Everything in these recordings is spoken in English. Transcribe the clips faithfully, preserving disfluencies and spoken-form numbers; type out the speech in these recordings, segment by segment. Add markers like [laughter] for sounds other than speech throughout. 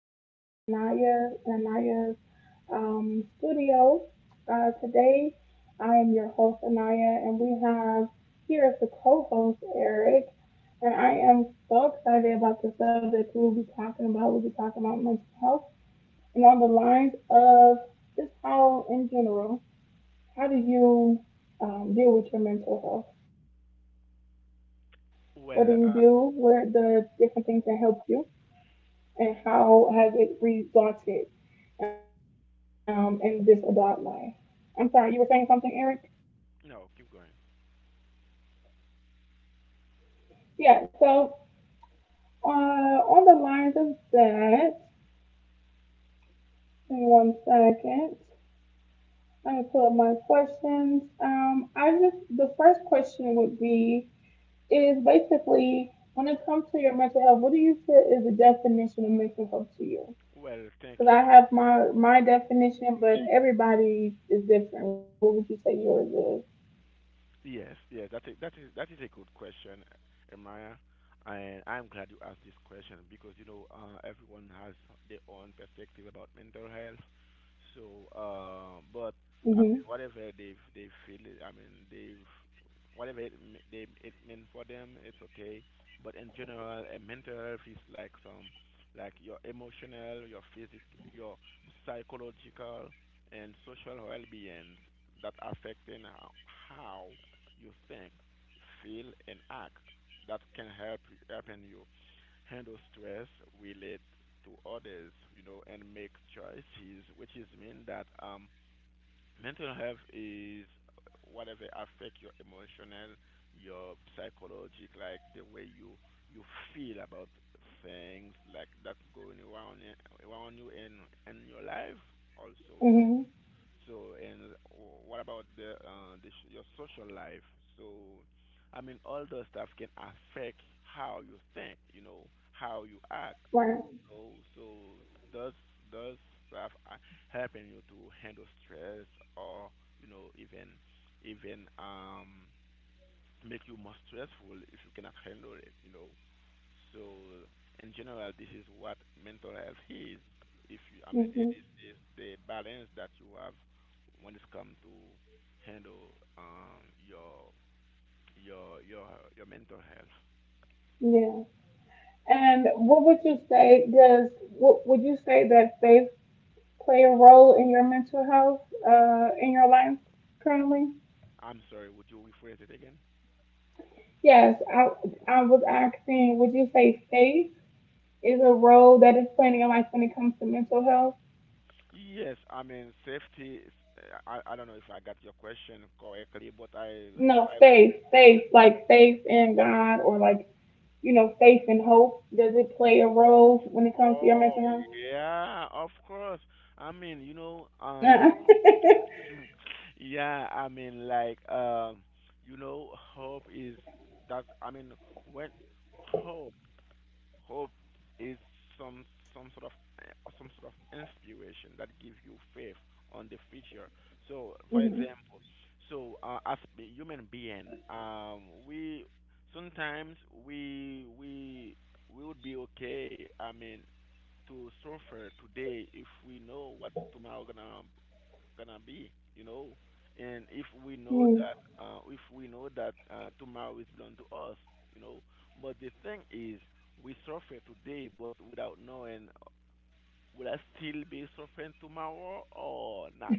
back to the Naya Anaya's um, studio. Uh, today, I am your host Anaya, and we have here as the co-host Eric. And I am so excited about the subject we'll be talking about. We'll be talking about mental health and on the lines of just how, in general, how do you um, deal with your mental health? What do you do? What are Well, the uh, different things that help you? And how has it resulted um, in this adult life? I'm sorry, you were saying something, Eric? no, keep going. Yeah, so uh, on the lines of that, in one second, I'm gonna pull up my questions. Um, I just, the first question would be is basically when it comes to your mental health, what do you feel is the definition of mental health to you? Well, Cause thank I have you. my my definition, but everybody is different. What would you say yours is? Yes, yes, that is that is that is a good question, Emaya, and I'm glad you asked this question because you know uh, everyone has their own perspective about mental health. So, uh, but Mhm. I mean, whatever they they feel, it- I mean, they've whatever it m- they it meant for them, it's okay. But in general, uh, mental health is like some like your emotional, your physic, your psychological, and social well-being that affecting how, how you think, feel, and act that can help helping you handle stress, relate to others, you know, and make choices, which is mean that um, mental health is whatever affect your emotional, your psychologic, like the way you you feel about things like that's going around around you and and your life also, you know. Mhm. So, and what about the, uh, the s- your social life? So, I mean, all those stuff can affect how you think, you know, how you Right. act. So, so does does stuff uh, helping you to handle stress, or you know, even even um make you more stressful if you cannot handle it, you know? So in general, this is what mental health is. If you, I mean, it Mhm. is, is the balance that you have when it's come to handle um, your your your your mental health. Yeah. And what would you say does what would you say that faith play a role in your mental health uh in your life currently? I'm sorry, would you rephrase it again? Yes, I, I was asking, would you say faith is a role that is playing in your life when it comes to mental health? Yes, I mean safety. Is, uh, I I don't know if I got your question correctly, but I No, I faith, faith, like faith in God or like, you know, faith and hope. Does it play a oh role when it comes to your oh mental health? yeah, of course. Uh-uh. I mean, [laughs] you know, uh, [laughs] Yeah, I mean, like, um, you know, hope is that. I mean, when hope, hope is some some sort of eh, some sort of inspiration that gives you faith on the future. So, for example, Mhm. so uh, as a human being, um, we sometimes we we we would be okay. I mean, to suffer today if we know what tomorrow gonna gonna be, you know. And if we know Hmm. that, uh, if we know that uh, tomorrow is belong to us, you know. But the thing is, we suffer today, but without knowing, will I still be suffering tomorrow or not?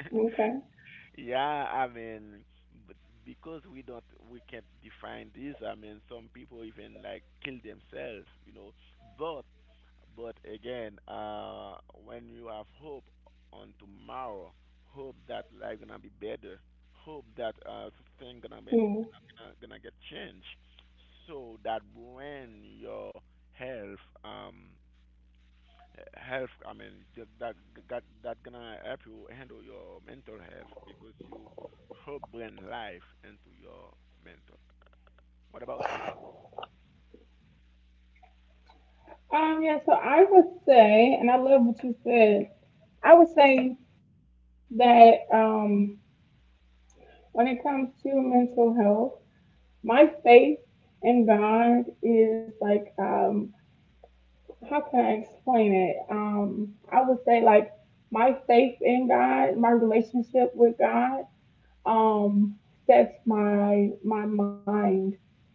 [laughs] Okay. Yeah, I mean, but because we don't, we can't define this. I mean, some people even like kill themselves, you know. But but again, uh, when you have hope on tomorrow, hope that life gonna be better, hope that uh, thing gonna be Hmm. gonna, gonna get changed, so that when your health um health I mean th- that that that gonna help you handle your mental health because you hope bring life into your mental. What about you? Um, yeah, so I would say, and I love what you said, I would say that um, when it comes to mental health, my faith and God is like um how can I explain it? Um I would say like my faith in God, my relationship with God, um sets my my mind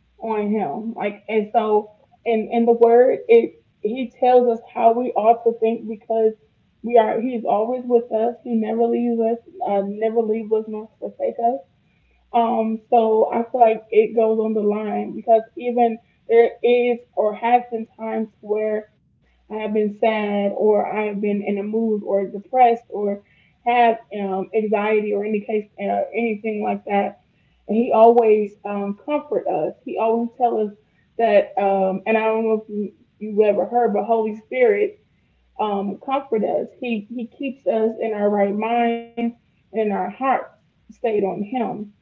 on him. Like and so in in the word it he tells us how we ought to think because we are he's always with us. He never leaves us, uh, never leaves us nor forsake us, um, so I feel like it goes on the line because even there is or has been times where I have been sad or I have been in a mood or depressed or had um, anxiety or any case uh, anything like that. And he always um, comfort us. He always tell us that. Um, and I don't know if you you ever heard, but Holy Spirit um, comfort us. He he keeps us in our right minds and in our hearts stayed on him,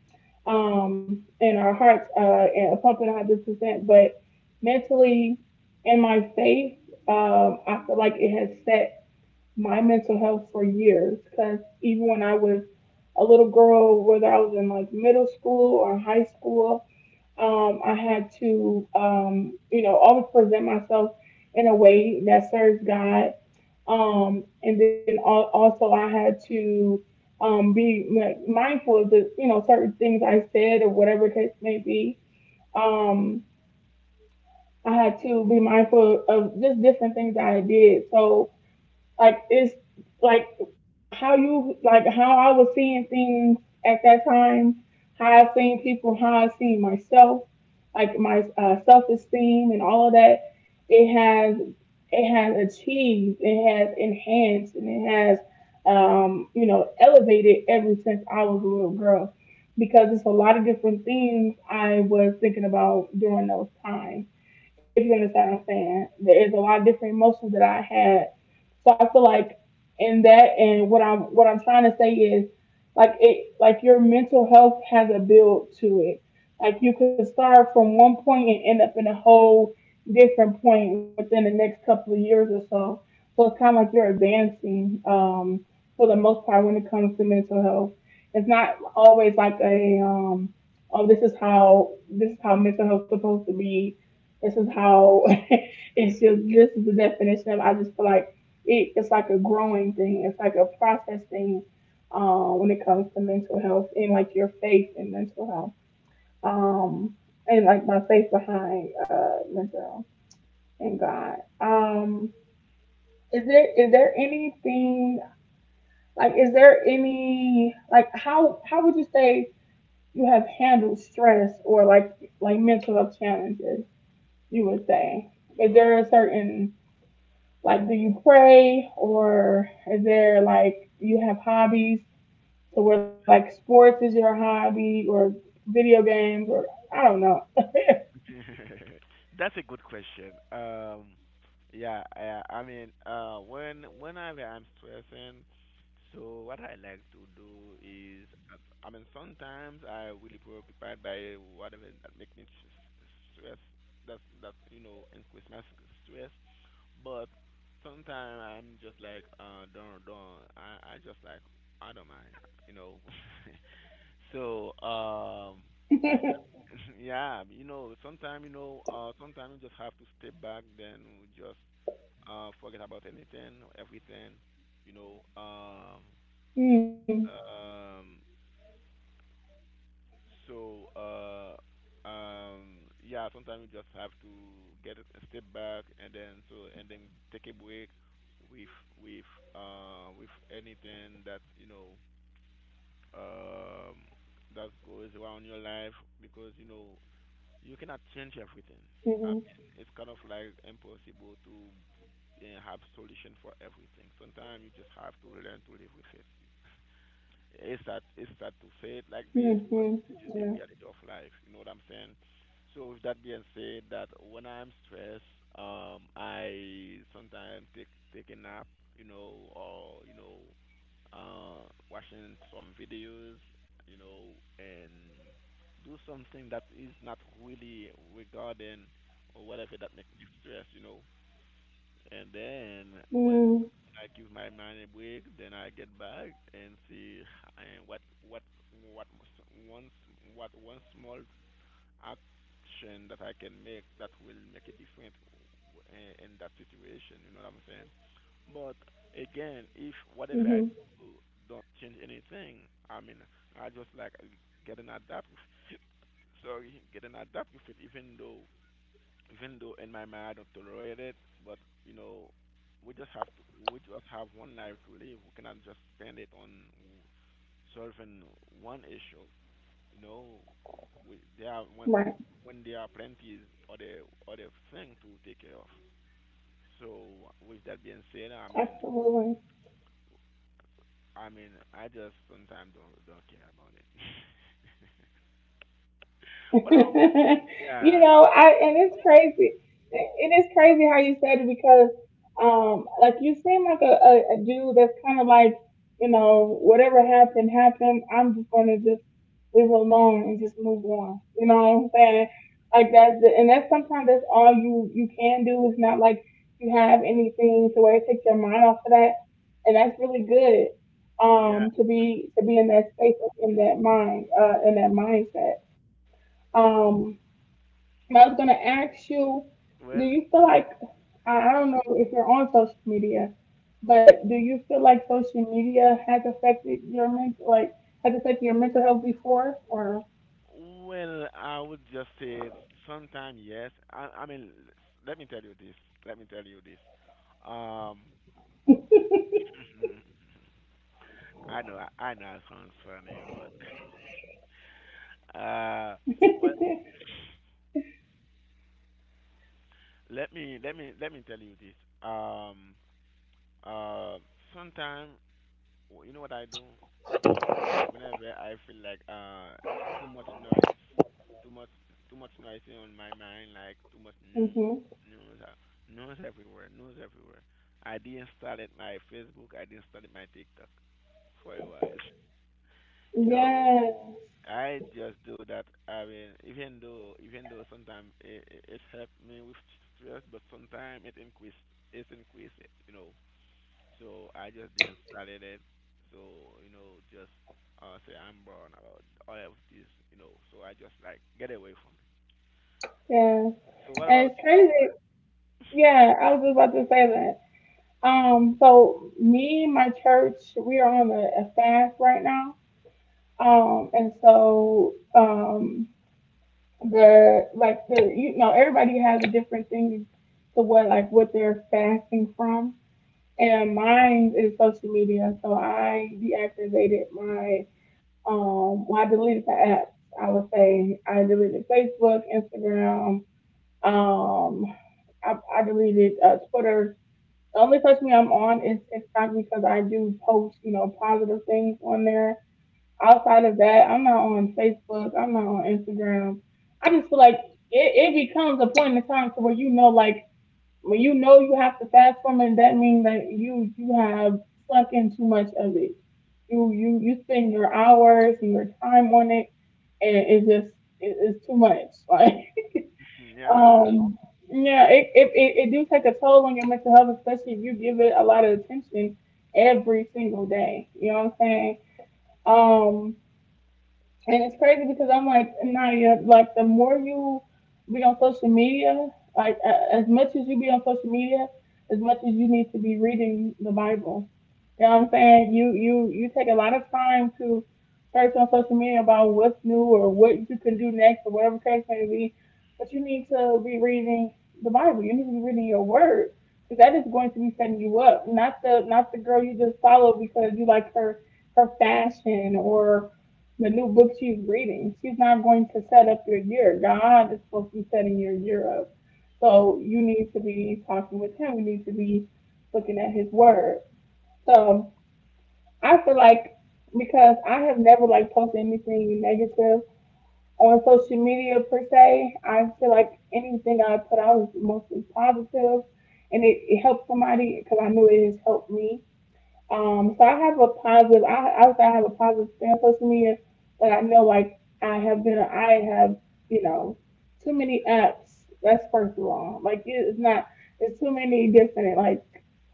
um, and our hearts uh, and pumping one hundred percent. But mentally, in my faith, um, I feel like it has set my mental health for years. Because even when I was a little girl, whether I was in like middle school or high school, um, I had to, um, you know, always present myself in a way that serves God. Um, and then al- also I had to um, be like, mindful of the, you know, certain things I said or whatever case may be. Um, I had to be mindful of just different things that I did. So like it's like how you like how I was seeing things at that time, how I seen people, how I seen myself, like my uh, self esteem and all of that. It has it has achieved, it has enhanced, and it has um, you know elevated ever since I was a little girl. Because it's a lot of different things I was thinking about during those times if you understand what I'm saying. There's a lot of different emotions that I had, so I feel like in that and what I'm what I'm trying to say is like it like your mental health has a build to it. Like you could start from one point and end up in a whole different point within the next couple of years or so. So it's kind of like you're advancing, um, for the most part when it comes to mental health. It's not always like a um, oh this is how this is how mental health supposed to be. This is how [laughs] it's just this is the definition of I just feel like it, it's like a growing thing. It's like a process thing uh, when it comes to mental health and like your faith in mental health. Um, and like my faith behind uh, mental health and God. Um, is there is there anything like is there any like how how would you say you have handled stress or like like mental health challenges? You would say is So there a certain like do you pray or is there like you have hobbies? So we're like, sports is your hobby, or video games, or I don't know. [laughs] that's a good question. Um, yeah, I, I mean, uh, when whenever I'm stressing, so what I like to do is, uh, I mean, sometimes I really preoccupied by whatever that make me s- s- stress. That that you know increase my s- stress, but sometimes I'm just like, uh, don't don't. I I just like I don't mind, you know. [laughs] So, um, with that, [laughs] [laughs] yeah, you know, sometimes, you know, uh, sometimes you just have to step back, then we just uh, forget about anything, everything, you know. Um, mm, um, so, uh, um, yeah, sometimes you just have to get a step back and then so and then take a break with with uh, with anything that you know um, that goes around your life because you know you cannot change everything. mm-hmm, I mean, it's kind of like impossible to uh, have solution for everything. Sometimes you just have to learn to live with it. It's sad, it's sad to say it like this, mm-hmm, but this yeah, is the reality of life. You know what I'm saying? So with that being said, that when I'm stressed, um, I sometimes take take a nap, you know, or you know, uh, watching some videos, you know, and do something that is not really regarding or whatever that makes me stress, you know. And then when mm-hmm, when I give my mind a break, then I get back and see and what what what s- one s- what one small action that I can make that will make a difference w- in, in that situation. You know what I'm saying? But again, if whatever I mm-hmm, do don't change anything, I mean, I just like getting adapt. With it. Sorry, getting adapt with it, even though, even though in my mind I don't tolerate it. But you know, we just have to, we just have one life to live. We cannot just spend it on solving one issue. You know, we, there are when right, when when there are plenty other other thing to take care of. So with that being said, I mean, absolutely. I mean, I just sometimes don't don't care about it. [laughs] [laughs] What about You yeah know, I and it's crazy. It is crazy how you said it because, um, like you seem like a, a, a dude that's kind of like, you know, whatever happened happened. I'm just gonna just leave it alone and just move on. You know what I'm saying? Like that's the, and that's sometimes that's all you you can do. It's not like you have anything to where it takes your mind off of that, and that's really good. yeah? Um, to be to be in that space in that mind, uh, in that mindset. Um, but I was gonna ask you, do Well, you feel like I, I don't know if you're on social media, but do you feel like social media has affected your mental, like has affected your mental health before, or? well, I would just say sometimes yes. I I mean, let me tell you this. Let me tell you this. Um, [laughs] I know I, I know it sounds funny, but [laughs] uh, well. Let me let me let me tell you this. Um, uh, Sometimes you know what I do whenever I feel like uh too much noise, too much too much noise is on my mind, like too much news, Hmm. news, uh, news everywhere, news everywhere. I deinstalled my Facebook. I deinstalled my TikTok for a while. [laughs] You know, Yeah, I just do that. I mean, even though even though sometimes it, it, it helped me with stress, but sometimes it increase it increase it. You know, so I just decided it. So you know, just uh, say I'm brown about all of this. You know, so I just like get away from it. yeah, So what? and it's crazy. Yeah, I was just about to say that. Um, so me, my church, we are on a, a fast right now. Um, and so, um, the like the you know everybody has a different thing to what like what they're fasting from, and mine is social media, so I deactivated my um well, I deleted the apps, I would say I deleted Facebook, Instagram, um i, I deleted uh, Twitter, the only person I'm on is TikTok because I do post you know positive things on there. Outside of that, I'm not on Facebook. I'm not on Instagram. I just feel like it, it becomes a point in time to where you know, like when you know you have to fast from it, that means that you you have sunk in too much of it. You you you spend your hours and your time on it, and it just it, it's too much. [laughs] Like Mhm, [laughs] yeah, um yeah, it, it it it do take a toll on your mental health, especially if you give it a lot of attention every single day. You know what I'm saying? Um, and it's crazy because I'm like, Nadia, like the more you be on social media, like a- as much as you be on social media, as much as you need to be reading the Bible. You know what it. I'm saying? You you you take a lot of time to search on social media about what's new or what you can do next or whatever the case may be, but you need to be reading the Bible. You need to be reading your Word because that is going to be setting you up. Not the not the girl you just follow because you like her her fashion or the new book she's reading. She's not going to set up your year. God is supposed to be setting your year up. So you need to be talking with Him. You need to be looking at His Word. So I feel like because I have never like posted anything negative on social media per se, I feel like anything I put out is mostly positive, and it, it helps somebody because I know it has helped me. Um, so I have a positive. I I would say I have a positive stand for social media, but I know like I have been. I have you know too many apps. That's first of all. Like it- it's not. It's too many different like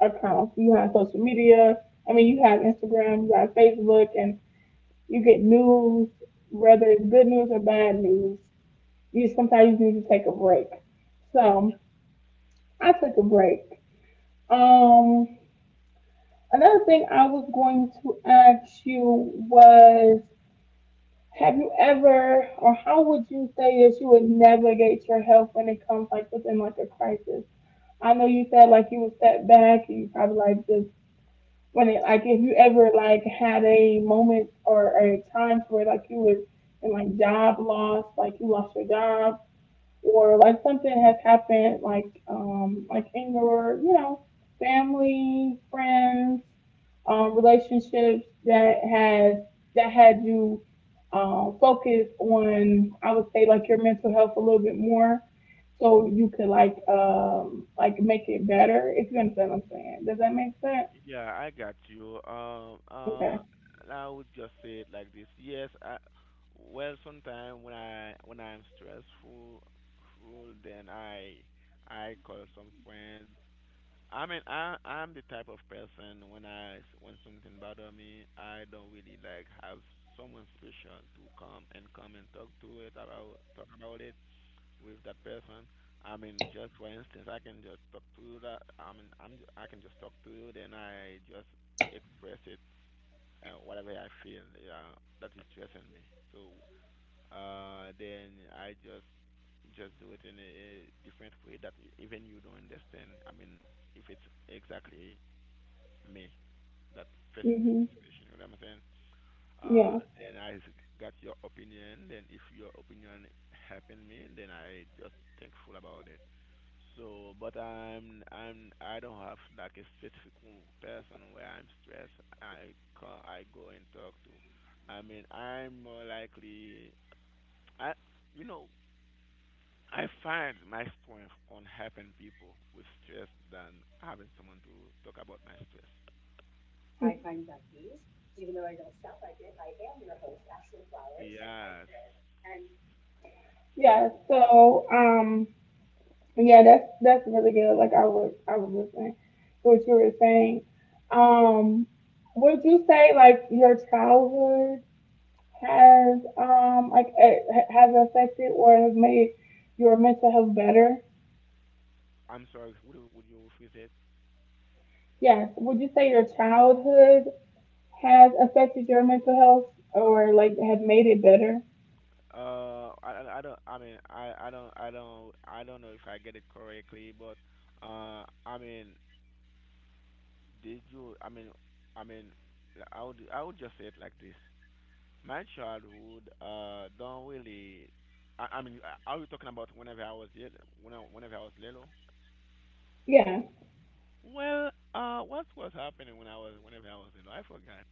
accounts. You have social media. I mean, you have Instagram. You have Facebook, and you get news, whether it's good news or bad news. You sometimes you need to take a break. Mhm. So Mhm. I took a break. Um. Another thing I was going to ask you was, have you ever, or how would you say that you would navigate your health when it comes like within like a crisis? I know you said like you would step back and you probably like just when it like if you ever like had a moment or, or a time where like you was in like job loss, like you lost your job or like something has happened, like um, like in your you know family, friends, um, relationships that has that had you um, focus on I would say like your mental health a little bit more, so you could like um, like make it better if you understand what I'm saying. Does that make sense? Yeah, I got you. Um, uh, Okay. I would just say it like this. Yes, I, well, sometimes when I when I'm stressful, full, then I I call some friends. I mean, I I'm the type of person when I when something bother me, I don't really like have someone special to come and come and talk to it about talk about it with that person. I mean, just for instance, I can just talk to you that I mean I'm ju- I can just talk to you, then I just express it uh, whatever I feel. Yeah, that is stressing me. So uh, then I just just do it in a, different way that you, even you don't understand. I mean, if it's exactly me that facing the Mhm. situation, you know what I'm saying? Uh, Yeah. Then I s- got your opinion. Then if your opinion helping me, then I just thankful about it. So, but I'm I'm I don't have like a specific w- person where I'm stressed. I ca I go and talk to. I mean, I'm more likely I you know I find my strength on helping people with stress than having someone to talk about my stress. Yes. Yeah, So so um. Yeah, that's that's really good. Like I was I was listening to what you were saying. Um, would you say like your childhood has um like eh, ha- has affected or has made your mental health better? I'm sorry. Would you, would you rephrase it? Yes. Would you say your childhood has affected your mental health or like has made it better? Uh, I, I I don't. I mean, I, I don't. I don't. I don't know if I get it correctly, but uh, I mean, did you? I mean, I mean, I would. I would just say it like this. My childhood uh don't really. I, I mean, are you talking about whenever I was little? When I, whenever I was little? Yeah. Well, uh, what was happening when I was whenever I was little? I forgot.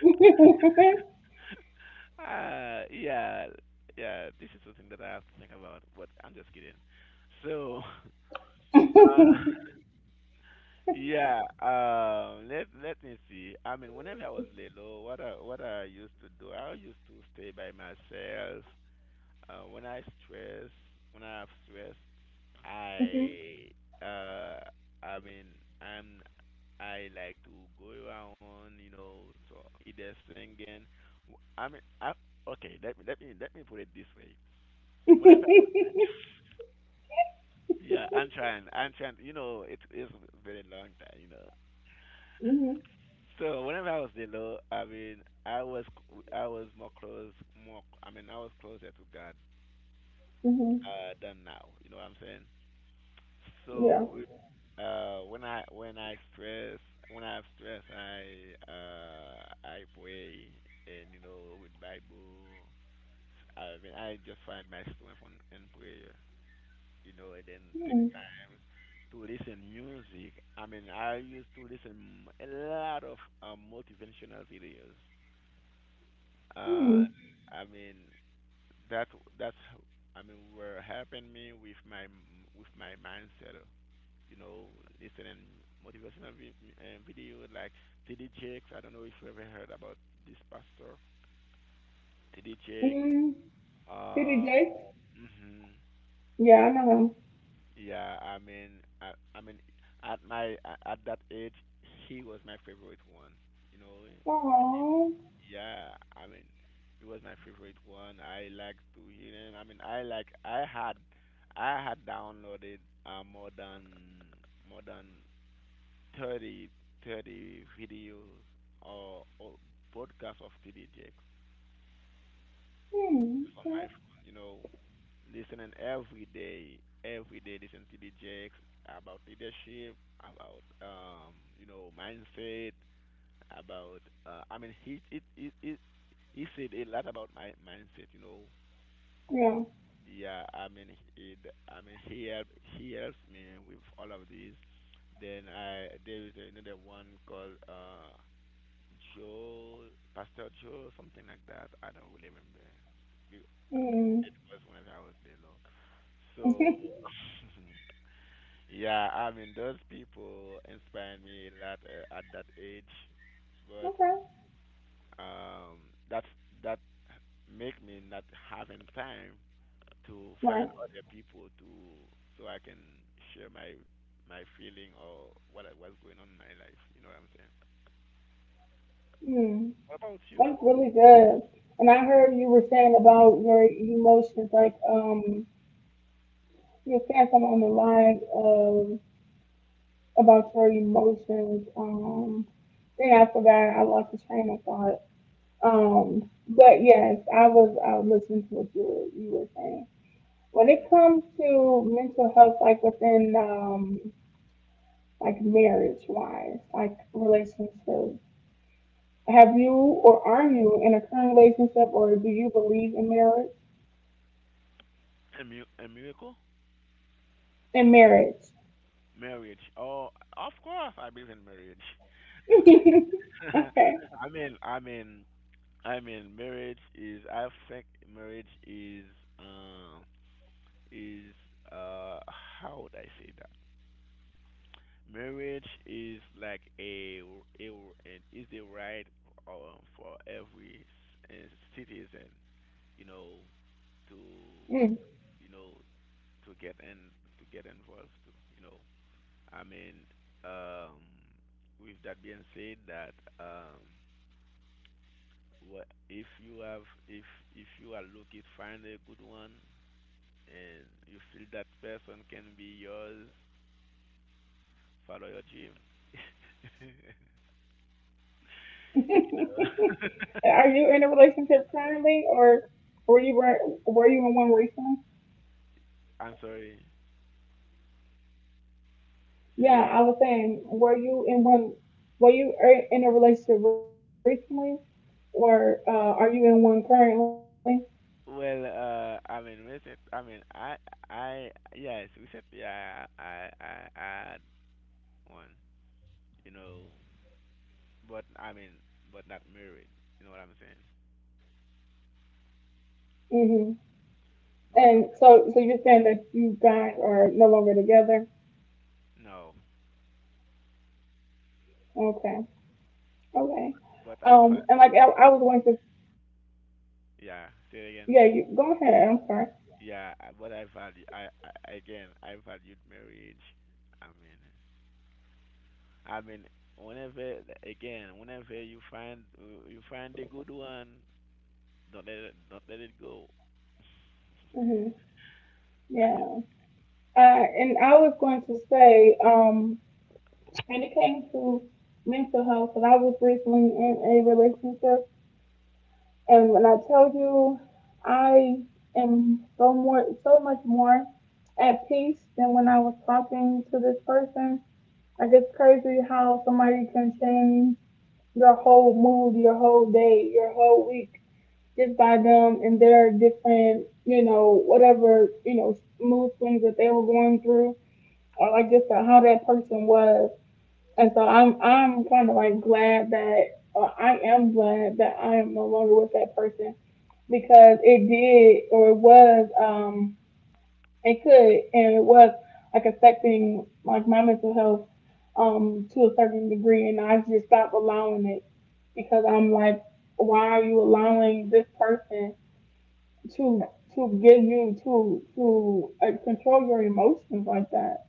[laughs] Uh, yeah, yeah. This is something that I have to think about. But I'm just kidding. So, [laughs] uh, yeah. Um, let let me see. I mean, whenever I was little, what I what I used to do, I used to stay by myself. Uh, when I stress, when I have stress, Mhm. I uh, I mean, I'm I like to go around, you know, so either singing. W- I mean, I okay. Let me let me let me put it this way. Whenever I was [laughs] Yeah, I'm trying, I'm trying. You know, it is very long time, you know. Mhm. So whenever I was little, I mean, I was I was more close, more. I mean, I was closer to God Mhm. uh, than now. You know what I'm saying? Yeah. So, uh, when I when I stress when I have stress, I uh I pray and you know with Bible. I mean, I just find my strength on in prayer, you know, and then take Mm. times to listen music. I mean, I used to listen a lot of uh, motivational videos. Uh, Mm. I mean, that that's I mean, were helping me with my with my mindset you know, listening motivational vi- uh, video like T D Jakes. I don't know if you ever heard about this pastor, T D Jakes. Mm. City Uh, J? hmm Yeah, I know him. Yeah, I mean, I, I mean, at my a- at that age, he was my favorite one. You know, eh, with him. Oh, yeah, I mean, he was my favorite one. I like to hear him. I mean, I like I had I had downloaded uh, more than more than thirty thirty videos or, or podcasts of T D J X hmm, just on my okay. phone, you know, listening every day, every day listen to T D J X about leadership, about, um, you know, mindset, about, uh, I mean, he, it, it, it, he said a lot about my mindset, you know. Yeah, Yeah, I mean, it, I mean, he help, he helps me with all of these. Then I there is another one called uh Joel, Pastor Joel, something like that. I don't really remember. It hmm, it was whenever I was there, though. So, [laughs] [laughs] yeah, I mean, those people inspired me a lot uh, at that age, but okay, um, that's that make me not having time to find right, other people to so I can share my my feeling or what I- what's going on in my life. You know what I'm saying? hmm. What about you? That's really good. And I heard you were saying about your emotions, like um, you were saying something on the line of about your emotions. Um, then I forgot, I lost the train of thought. Um, but yes, I was I was listening to what you were you were saying. When it Mm. comes to mental health, like within um. like marriage wise, like relationships. Have you or are you in a current relationship or do you believe in marriage? A, mi- a miracle? In marriage. Marriage. Oh, of course, I believe in marriage. [laughs] [laughs] Okay. I mean, I mean, I mean, marriage is. I think marriage is. Um, is. Uh, how would I say that? Marriage is like a a and is a right uh, for every c- uh, citizen, you know, to Mm. you know to get in to get involved to, you know. I mean, um, with that being said, that um, what if you have if if you are looking, find a good one and you feel that person can be yours, follow your dream. [laughs] you [laughs] know. Are you in a relationship currently or were you were, were you in one recently? [laughs] I'm sorry. Say it again. Yeah, I was saying, were you in one were you er- in a relationship recently or uh, are you in one currently? Well, uh, I mean, recent. I mean, I, I, yes, recently I, I, I I had one. You know, but I mean, but not married. You know what I'm saying? Hmm. But And so, so you're saying that you guys are no longer together? no, Okay. but I Okay. va- eh, Um, and like I, I was going to, yeah, say it again. yeah, you go ahead. I'm sorry. Yeah, I- but I value I, I again I valued marriage. I mean, I mean whenever again whenever you find you find a good one, don't let it, don't let it go. [laughs] Hmm. and Yeah. Uh, and I was going to say, um, when it came to mental health, and I was recently in a relationship, and when I tell you, I am so more, so much more at peace than when I was talking to this person. Like it's crazy how somebody can change your whole mood, your whole day, your whole week, just by them and their different, you know, whatever, you know, mood swings that they were going through, or like just how that person was. And so I'm, I'm kind of like glad that, or I am glad that I am no longer with that person because it did, or it was, um, it could, and it was like affecting like my mental health um to a certain degree, and I just stopped allowing it because I'm like, why are you allowing this person to to give you to to uh, control your emotions like that?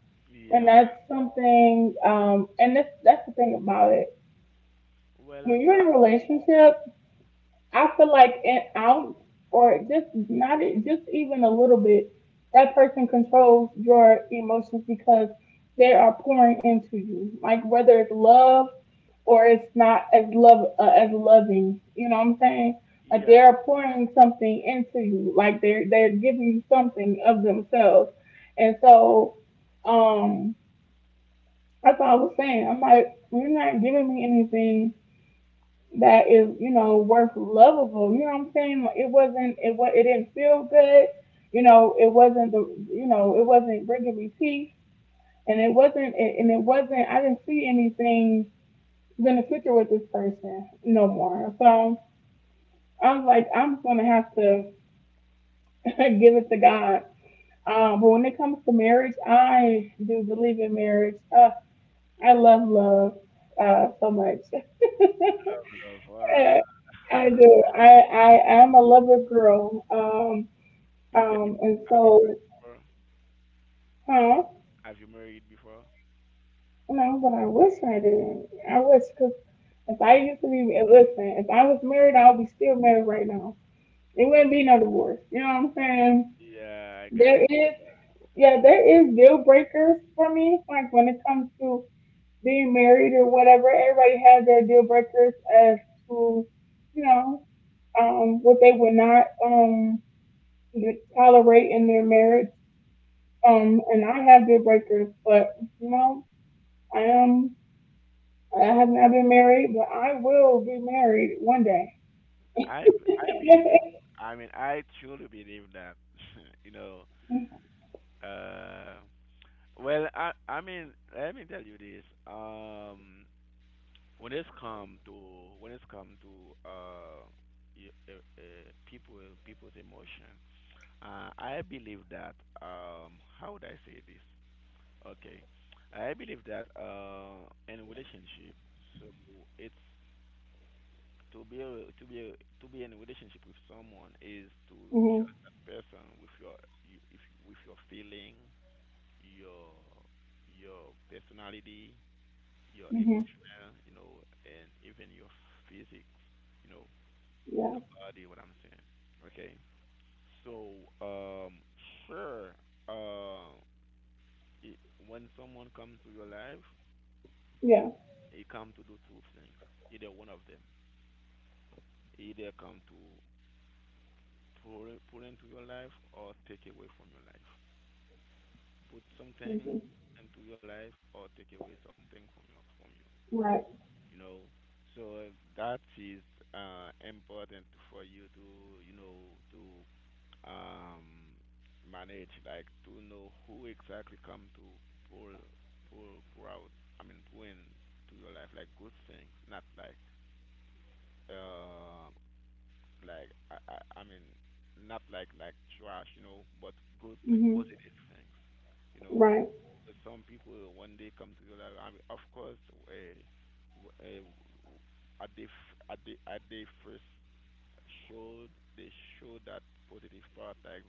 And yeah, that's something, um, and that's that's the thing about it. well, When you're uh, in a relationship, I feel like an ounce or just not e- just even a little bit, that person controls your emotions because they are pouring into you. Like whether it's love or it's not as love uh, as loving, you know what I'm saying? Like they yeah, are pouring something into you. Like they're they're giving you something of themselves, and so um that's what I was saying. I'm like, you're not giving me anything that is, you know, worth lovable. You know what I'm saying? Like, it wasn't, it was, it didn't feel good. You know, it wasn't the, you know, it wasn't bringing me peace, and it wasn't, and it wasn't. I didn't see anything beneficial with this person no more. So I was like, I'm just gonna have to [laughs] give it to God. Um, but when it comes to marriage, I do believe in marriage. Uh, I love love uh, so much. [laughs] love, I, love. Uh, I do. I, I am a lover girl. Um [laughs] you get um and have you so married before? huh? Have you married before? No, but I wish I didn't. I wish because if I used to be listen, if I was married, I would be still married right now. There wouldn't be no divorce. You know what I'm saying? Yeah, I got. There is yeah, there is deal breakers for me. Like when it comes to being married or whatever, everybody has their deal breakers as to you know um what they would not um that tolerate in their marriage. You. Um, and I have deal breakers, but you know, I am. I have not been married, but I will be married one day. I I believe so. [laughs] I mean, I truly believe that. [laughs] you know, uh, well, I I mean, let me tell you this. Um, when it's come to when it's come to uh, y- uh, uh people people's emotion, uh, I believe that. Um, how would I say this? Okay, I believe that uh, in relationship, so it's to be a, to be a, to be in a relationship with someone is to Mhm. trust that person with your you, if, with your feeling, your your personality, your Mhm. emotional, you know, and even your physics, you know, Yeah. your body. What I'm saying, okay. So um, sure, uh, it, when someone comes to your life, Yeah. it come to do two things. Either one of them, either come to pull, pull into your life or take away from your life. Put something Mhm. into your life or take away something from your from you. Right. You know, so that is uh, important for you to you know to um, manage, like to know who exactly come to pull pull, pull out. I mean, pull in to your life like good things, not like uh, like I, I I mean not like like trash, you know, but good thing, Mhm. positive things, you know. Right. 'Cause some people uh, when they come to your life, I mean, of course, uh, w- uh, at the f- at the at the first showed they show that positive part, like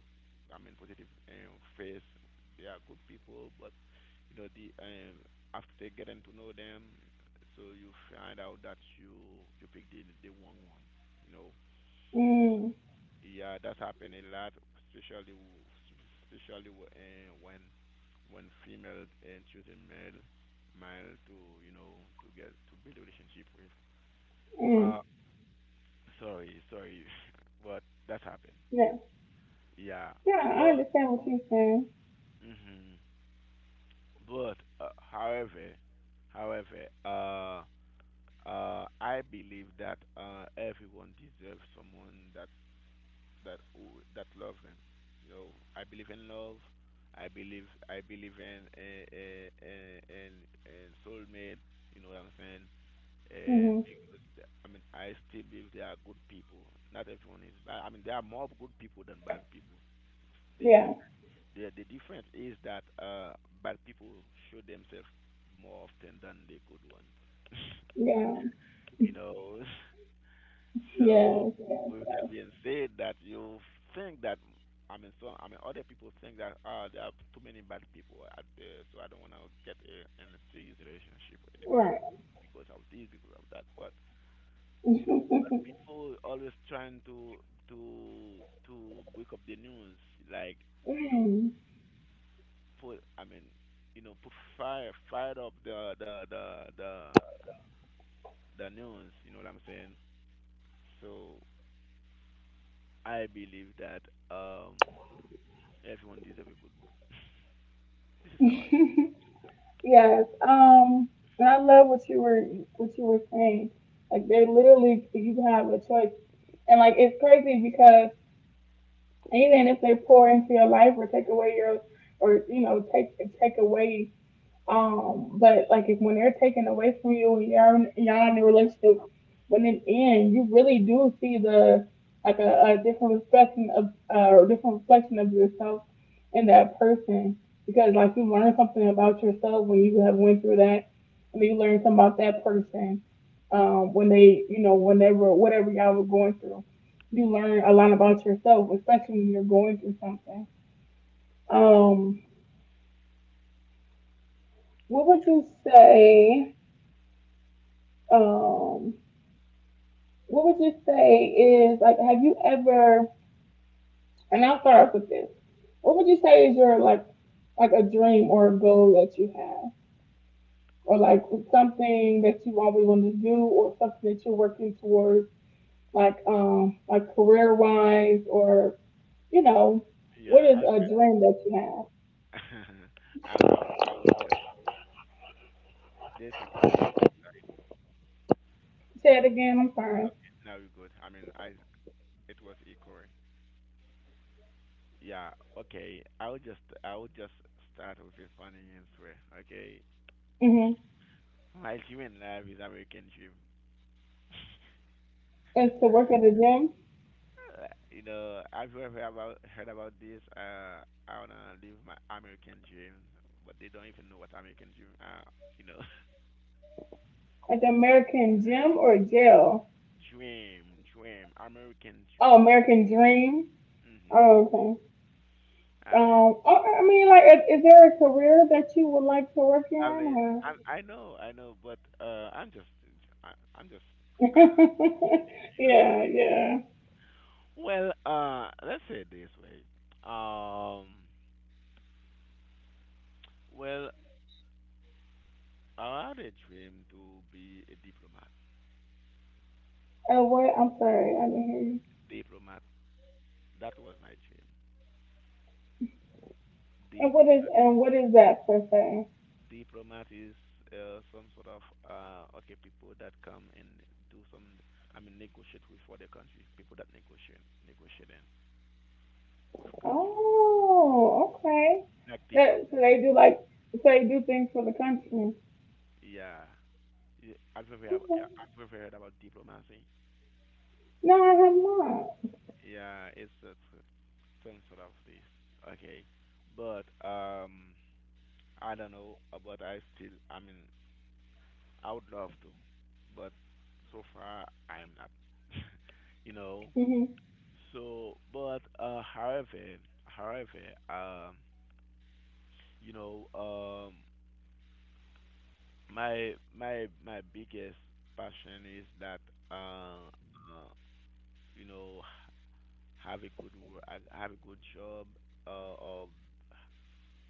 I mean positive um, face. They are good people, but you know the um, after getting to know them, so you find out that you you picked the the wrong one, you know so Mm. yeah, that's happened a lot, especially w- especially w- eh, when when female and choosing male male to you know to get to build a relationship with. Uh, Mm. sorry, sorry, [laughs] but that's happened. Yeah. Yeah, Yeah. I but understand what you're saying. mhm, but uh, however, however, uh, uh, I believe that uh, everyone deserves someone that that that love him. You know, I believe in love. I believe I believe in in in in, in soulmate. You know what I'm saying? And Mhm. because the- I mean, I still believe there are good people. Not everyone is bad. I mean, there are more good people than bad people. The Yeah. difference the the difference is that uh bad people show themselves more often than the good ones. Yeah. You know. [laughs] So Yes. Yes. with that being said, that you think that I mean, so I mean, other people think that ah, there are too many bad people out there, so I don't want to get a, in a serious relationship anymore Right. because of this, because of that. But you know, but [laughs] people always trying to to to wake up the news, like you know, Mm. put I mean, you know, put fire fire up the the the the the news. You know what I'm saying? So I believe that um everyone deserves a good one. This is how I. [laughs] Yes. Um, and I love what you were what you were saying. Like they literally, you have a choice, and like it's crazy because even if they pour into your life or take away your, or you know take take away um, but like if when they're taken away from you, when you're in, y'all in a relationship, when it ends, you really do see the like a, a different reflection of uh, or different reflection of yourself in that person because like you learn something about yourself when you have went through that, and you learn something about that person um, when they you know whenever whatever y'all were going through, you learn a lot about yourself, especially when you're going through something. Um, what Yeah, would you say? Um, what would you say is like have you ever and I'll start off with this. What would you say is your like like a dream or a goal that you have? Or like something that you always wanted to do or something that you're working towards, like um like career wise or you know, what yeah. is I, a dream that you have? [laughs] I, I, I would just. There's some eco. Say it again, I'm sorry. Okay, now you're good. I mean, I. It was eco. Yeah. Okay. I would just. I would just start with a funny answer. Okay. Mhm. My dream in life is American dream. [sighs] Is to work at a gym? Uh, you know, have you ever about heard about this? Uh, I wanna live my American dreams, but they don't even know what American dream are. You know, Like the American gym or jail? [laughs] dream, dream, American Oh, dream. American dream. Mhm. Oh, okay. I mean, Um, I, I mean, like, is, is there a career that you would like to work I in? mean, Or... I I know, I know, but uh, I'm just, I, I'm just, uh, [laughs] you know. yeah, yeah. Well, uh, let's say it this way. Um, well, I had a dream to be a diplomat. And what? I'm sorry, I didn't hear you. Diplomat. That was my dream. And what is Diplomat. and what is that per se? Diplomat is uh, some sort of uh, okay people that come and do some. I mean, negotiate with other country. People that negotiate, negotiating with country. Oh, okay. Diplomat. Like That diplomat. so they do like so they do things for the country. Yeah. Yeah, I've ever have, Okay. I've ever heard about diplomacy. No, I have not. Yeah, it's uh, some sort of this. Okay, but um, I don't know. uh, But I still, I mean, I would love to, but so far I'm not. You know. Mhm. So, but uh, however, however, um, you know, um, my my my biggest passion is that uh, uh you know have a good wo- I- have a good job, uh, or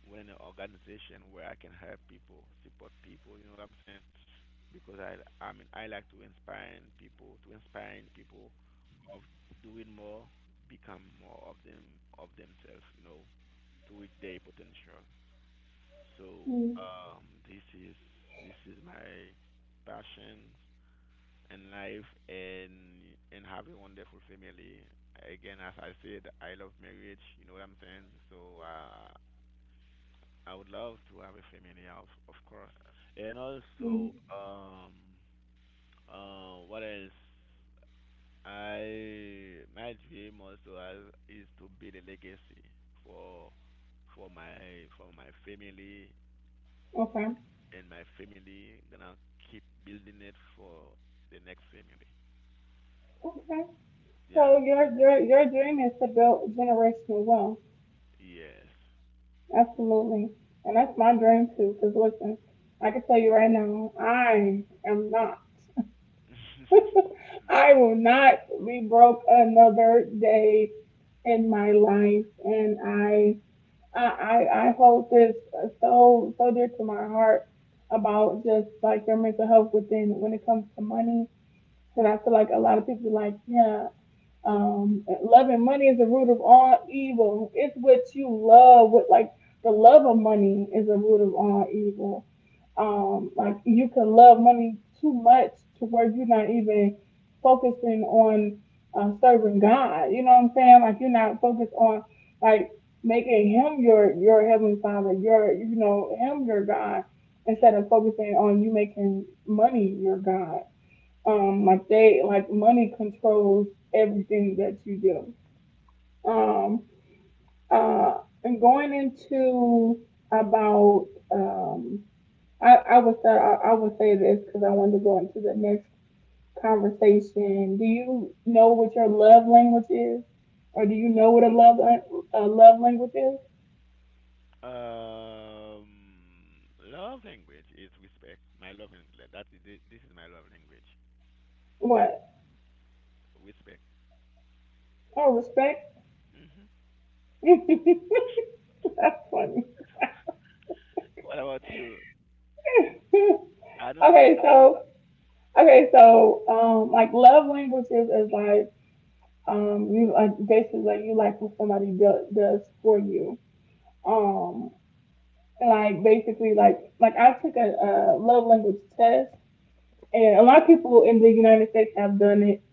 within an organization where I can help people, support people. You know what I'm saying? Because I I mean I like to inspire people, to inspire people of doing more, become more of them of themselves. You know, to reach their potential. So Mhm. um, this is this is my passion in life and and have a wonderful family. Again, as I said, I love marriage. You know what I'm saying? So uh, I would love to have a family, of of course. And Mhm. also, um, uh, what else? I My dream also has, is to build a legacy for for my for my family Okay. and my family gonna keep building it for the next family. Okay. So Yeah. your your your dream is to build generational wealth. Yes. Absolutely. And that's my dream too. Cause listen, I can tell you right now, I am not. [laughs] I will not be broke another day in my life. And I, I, I I hold this uh, so, so dear to my heart about just like their mental health within when it comes to money. And I feel like a lot of people be like, yeah, um, loving money is the root of all evil. It's what you love. What like the love of money is the root of all evil um [laughs] like you can love money too much to where you're not even focusing on uh, serving God. You know what I'm saying? Like you're not focused on like making him your your heavenly father, your you know him your God, instead of focusing on you making money your God. Um, like they like money controls everything that you do. Um, uh, and going into about um, I, I would say I, I would say this because I wanted to go into the next conversation. Do you know what your love language is, or do you know what a love a love language is? um, love language is respect. My love language. That is thi- this is my love language. What? Respect. Oh, respect. Hmm. [laughs] That's funny. What about you? I [laughs] know. What, Okay, so okay, so um, like love languages is like um you like basically like you like what somebody do- does for you um like basically like like I took a, a love language test and a lot of people in the United States have done it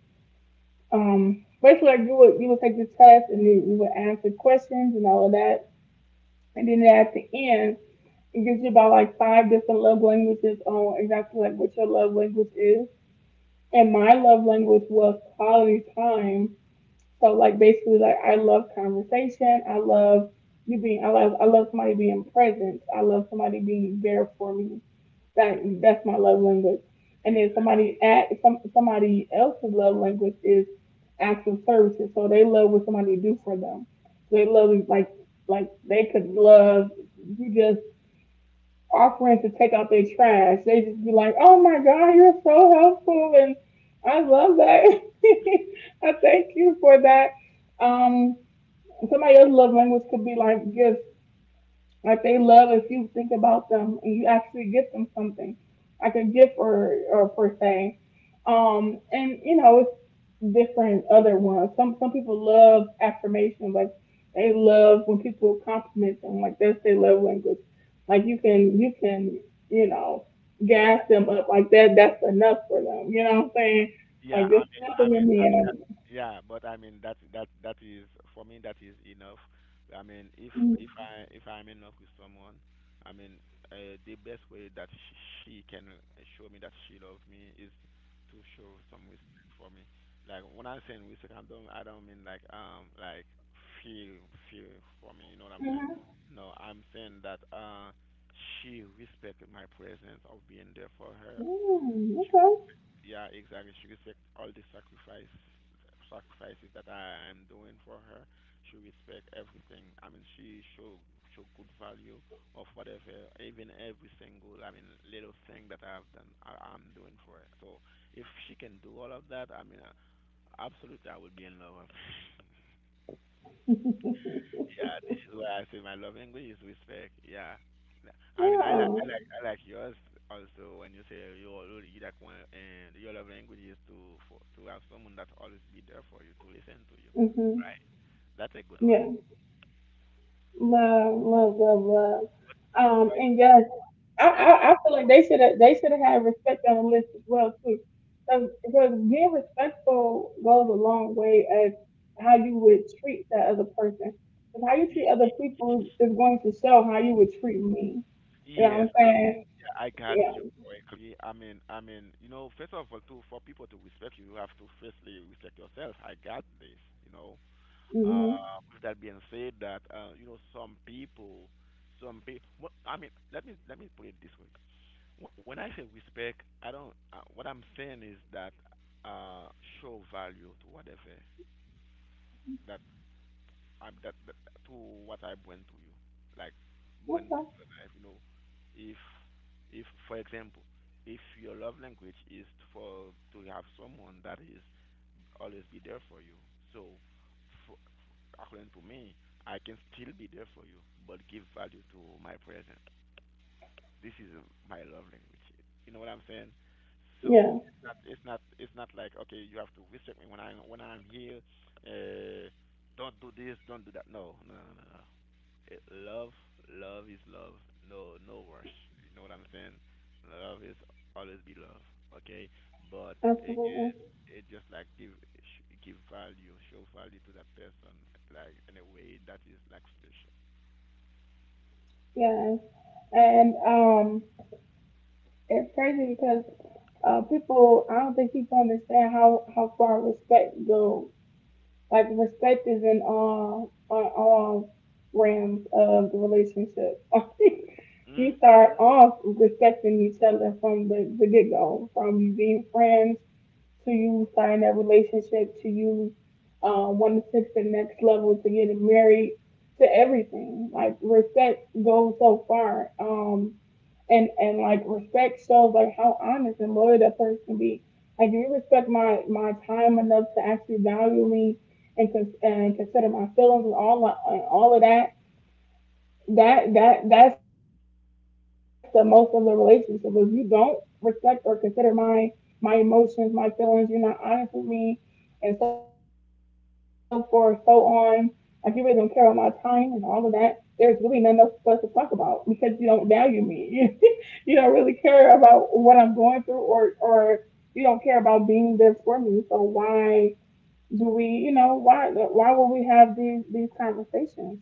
um basically like you would you would take the test and then you would answer questions and all of that and then at the end it gives you about like five different love languages on exactly like what your love language is and my love language was quality time. So like basically like I love conversation. I love you being I love I love somebody being present. I love somebody being there for me. That that's my love language. And then exactly. somebody at some somebody else's love language is acts of services. So they love what somebody do for them. They love like like they could love you just offering to take out their trash. They just be like, "Oh my God, you're so helpful, and I love that. [laughs] I thank you for that." Um, somebody else's love language could be like gifts. Like they love if you think about them and you actually get them something, like a gift or or per se. Um, and you know, it's different other ones. Some some people love affirmation, like they love when people compliment them, like that's their love language. Like you can you can you know Yeah. gas them up like that. That's enough for them. You know what I'm saying? Yeah. Like just I'm in. I'm in. compliment me and Yeah, but I mean that that that is for me that is enough. I mean if if I if I'm in love with someone, I mean uh, the best way that sh- she can uh, show me that she loves me is to show some respect for me. Like when I'm saying respect, I don't I don't mean like um like feel feel for me. You know what I'm saying? mm-hmm. No, I'm saying that uh she respect my presence of being there for her Mm, okay, yeah, exactly. She respect all the sacrifice sacrifices that I am doing for her. She respect everything. I mean, she show show good value of whatever, even every single, I mean, little thing that I have done, I, I'm doing for her. So if she can do all of that, I mean, uh, absolutely, I would be in love yeah, this is why I say my love language is respect. Yeah, N- I mean I like yeah, I like I like yours also when you say you you like one and your love language is to for, to have someone that always be there for you to listen to you. hmm Right, that's a good one. yeah, love, love, love, love. But Um, by and yes, I, but I, I feel like they should have they should have had respect on the list as well too, because being respectful goes a long way as how you would treat that other person. Because how you treat y- other people is going to show how you would treat me. You know what yes, I'm saying? yeah, I got Yeah. you correctly. I mean I mean you know first of all too for people to respect you, you have to firstly respect yourself. I got this. You know Mhm. Uh, with that being said, that uh, you know some people, some people. I mean, let me let me put it this way. Wh- When I say respect, I don't. Uh, what I'm saying is that uh, show value to whatever that I that, that to what I bring to you, like bring to Okay. your life. You know, if if for example, if your love language is for to have someone that is always be there for you. So, for, according to me, I can still be there for you, but give value to my present. This is uh, my love language. You know what I'm saying? So Yeah. it's not it's not it's not like okay, you have to respect me when I when I'm here. Uh, don't do this, don't do that. No, no, no, no, it, love love is love, no no rush, you know what I'm saying, love is always be love, okay, but again Absolutely. it just like give sh- give value, show value to that person like in a way that is like special. Yeah. And um, It's crazy because uh, people I don't think people understand how how far respect goes. Like perspectives in all on all realms of the relationship. [laughs] Mm? You start off respecting each other from the, the get go, from being friends to you sign that relationship to you um, wanting to take the next level to getting married to everything. Like respect goes so far. Um, and and like respect shows like how honest and loyal that person can be. Like if you respect my my time enough to actually value me and cons- and consider my feelings and all and all of that, that that that's the most of the relationship. If you don't respect or consider my my emotions, my feelings, you're not honest with me, and so forth, so on. Like you really don't care about my time and all of that. There's really nothing else for us to talk about because you don't value me. [laughs] You don't really care about what I'm going through, or or you don't care about being there for me. So why do we, you know, why why would we have these these conversations?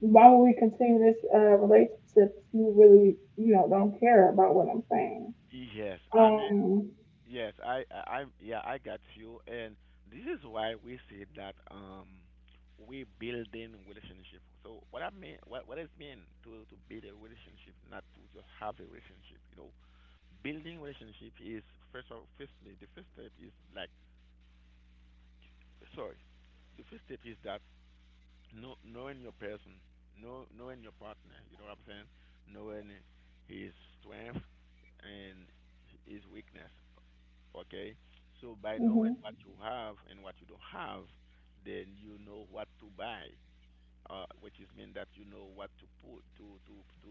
Why would we continue this uh, relationship if you really, you know, don't care about what I'm saying? Yes, i mean Um, yes i i I'm, yeah, I got you. And this is why we say that um we building relationship. So what I mean, what what does mean to to build a relationship, not to just have a relationship? You know, building relationship is first of firstly the first step is like, sorry, the first step is that know, knowing your person, know knowing your partner, you know what I'm saying? Knowing his strength and his weakness. Okay, so by knowing what hmm, you have and what you don't have, then you know what to buy, uh, which is mean that you know what to put to to to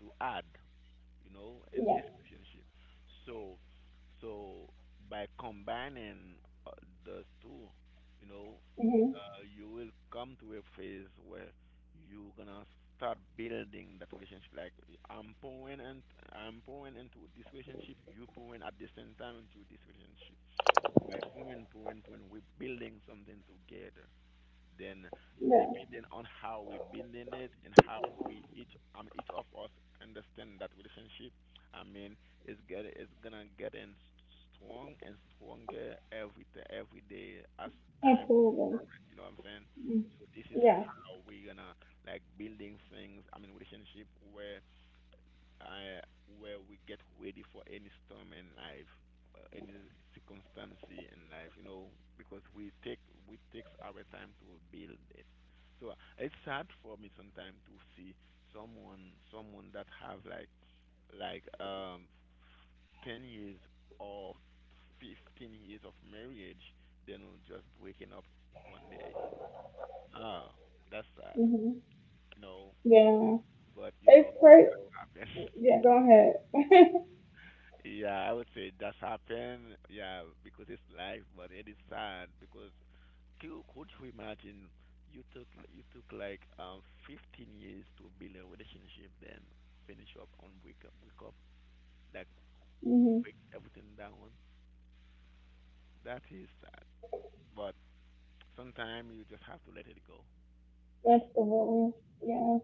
to add, you know, in yeah. this relationship. So, so by combining uh, those two, you know, Hmm, uh, you will come to a phase where you're gonna start building that relationship. Like I'm pouring and I'm pouring into this relationship, you pouring at the same time into this relationship. So by pouring, pouring, pouring, we're building something together, then yeah, depending on how we building it and how we each I mean each of us understand that relationship, I mean it's get it's gonna get in strong and stronger every day, every day as time, absolutely. you know what I'm saying. Mm. So this is Yeah, how we're gonna like building things. I mean relationship where I, where we get ready for any storm in life, uh, any circumstance in life, you know, because we take we takes our time to build it. So it's hard for me sometimes to see someone someone that have like like um ten years or fifteen years of marriage, then just breaking up one day. Ah, that's sad, hmm, you know. yeah. But you It's know, crazy. happens. [laughs] Yeah, go ahead. Yeah, I would say it does happen. Yeah, because it's life, but it is sad because could, could you imagine you took you took like um fifteen years to build a relationship, then finish up on wake up, wake up, like [laughs] Hmm. break everything down. That is sad, but sometimes you just have to let it go. Absolutely. Yeah.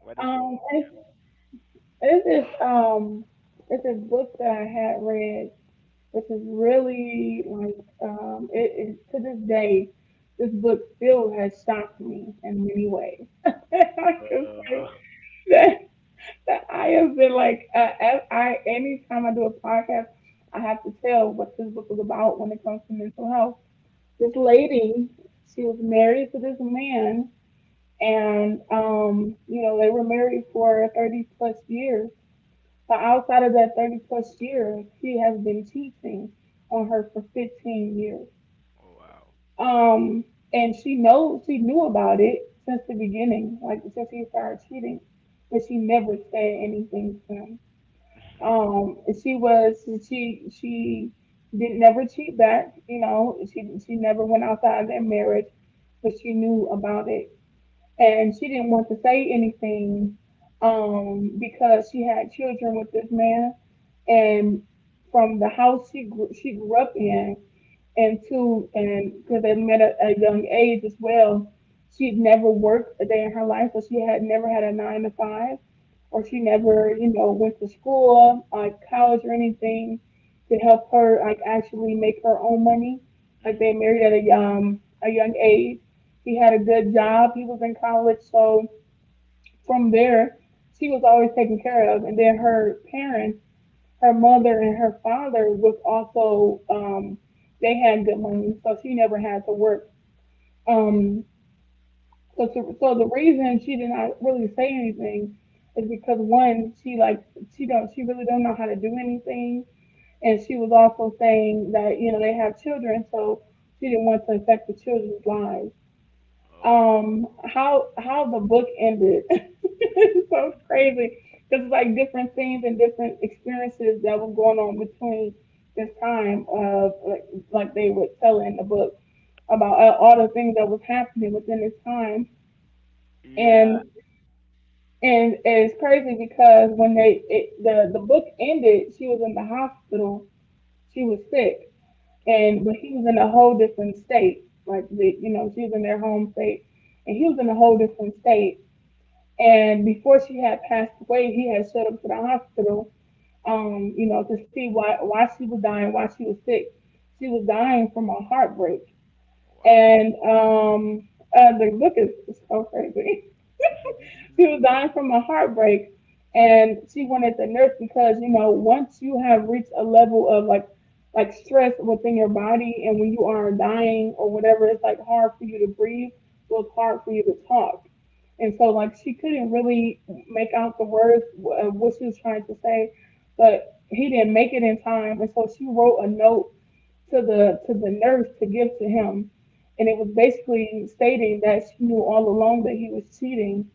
What is your Um, opinion? This is um it's a book that I had read, which is really like um it is to this day, this book still has shocked me in many ways. [laughs] I can say that, that I have been like uh, ev- I anytime I do a podcast, I have to tell what this book is about when it comes to mental health. This Mhm. lady, she was married to this man, and um you know they were married for thirty plus years, but outside of that thirty plus year, she has been teaching on her for fifteen years. Oh wow. Um, and she knows she knew about it since the beginning, like since he started cheating, but she never said anything to him. Um, and she was she she did not never cheat back, you know. She she never went outside their marriage, but she knew about it and she didn't want to say anything um, because she had children with this man, and from the house she grew, she grew up in, and two, and because they met at at a young age as well, she'd never worked a day in her life, so she had never had a nine to five, or she never, you know, went to school, like college or anything, to help her like actually make her own money. Like they Mm-hmm. married at a um a young age. He had a good job. He was in college, so from there, she was always taken care of. And then her parents her mother and her father was also um they had good money, so she never had to work. Um so to, so the reason she did not really say anything is because one, she like she don't she really don't know how to do anything, and she was also saying that, you know, they have children, so she didn't want to affect the children's lives. Oh um how How the book ended [laughs] it's so crazy because it's like different things and different experiences that were going on between this time of like, like they would tell in the book about uh, all the things that was happening within this time. and yeah. and it's crazy because when they it, the the book ended, she was in the hospital, she was sick, Oh and but he was in a whole different state, like the, you know, she was in their home state and he was in a whole different state. And before she had passed away, he had showed up to the hospital, um, you know, to see why why she was dying, why she was sick. She was dying from a heartbreak, wow. and um, uh, the book is so crazy. She [laughs] was dying from a heartbreak and she wanted the nurse, because you know once you have reached a level of like like stress within your body and when you are dying or whatever, it's like hard for you to breathe, so it's hard for you to talk. And so like she couldn't really make out the words of what she was trying to say, but he didn't make it in time. And so she wrote a note to the to the nurse to give to him, and it was basically stating that she knew all along that he was cheating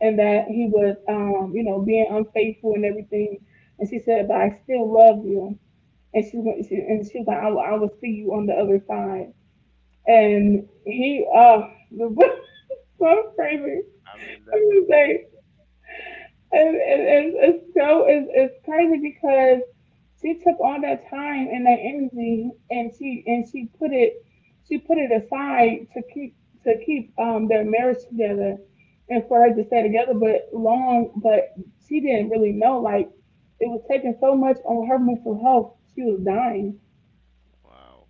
and that he was, um, you know, being unfaithful and everything. And she said, "But I still love you." And she went, she, and she was like, I will, "I will see you on the other side." Oh, And he, uh, [laughs] so crazy. I mean I'm that's a, just saying, it, it, it's it's so it's, it's crazy because she took all that time and that energy, and she and she put it she put it aside to keep to keep um their marriage together and for her to stay together, but long but she didn't really know like it was taking so much on her mental health, she was dying. wow.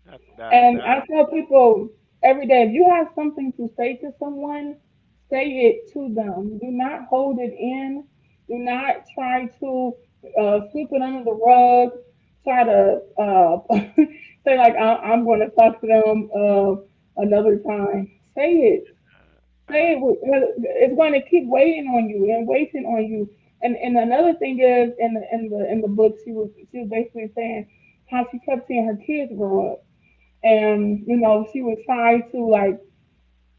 That that And that I tell people every day, if you have something to say to someone, say it to them. Do not hold it in. Do not try to uh, sweep it under the rug. Try to uh, [laughs] say, like, I- I'm going to talk to them uh, another time. Say it. uh, Say uh it. with- uh, It's going to keep waiting on you and waiting on you. And, and another thing is, in the in the in the book, she was she was basically saying how she kept seeing her kids grow up. And you know she would try to like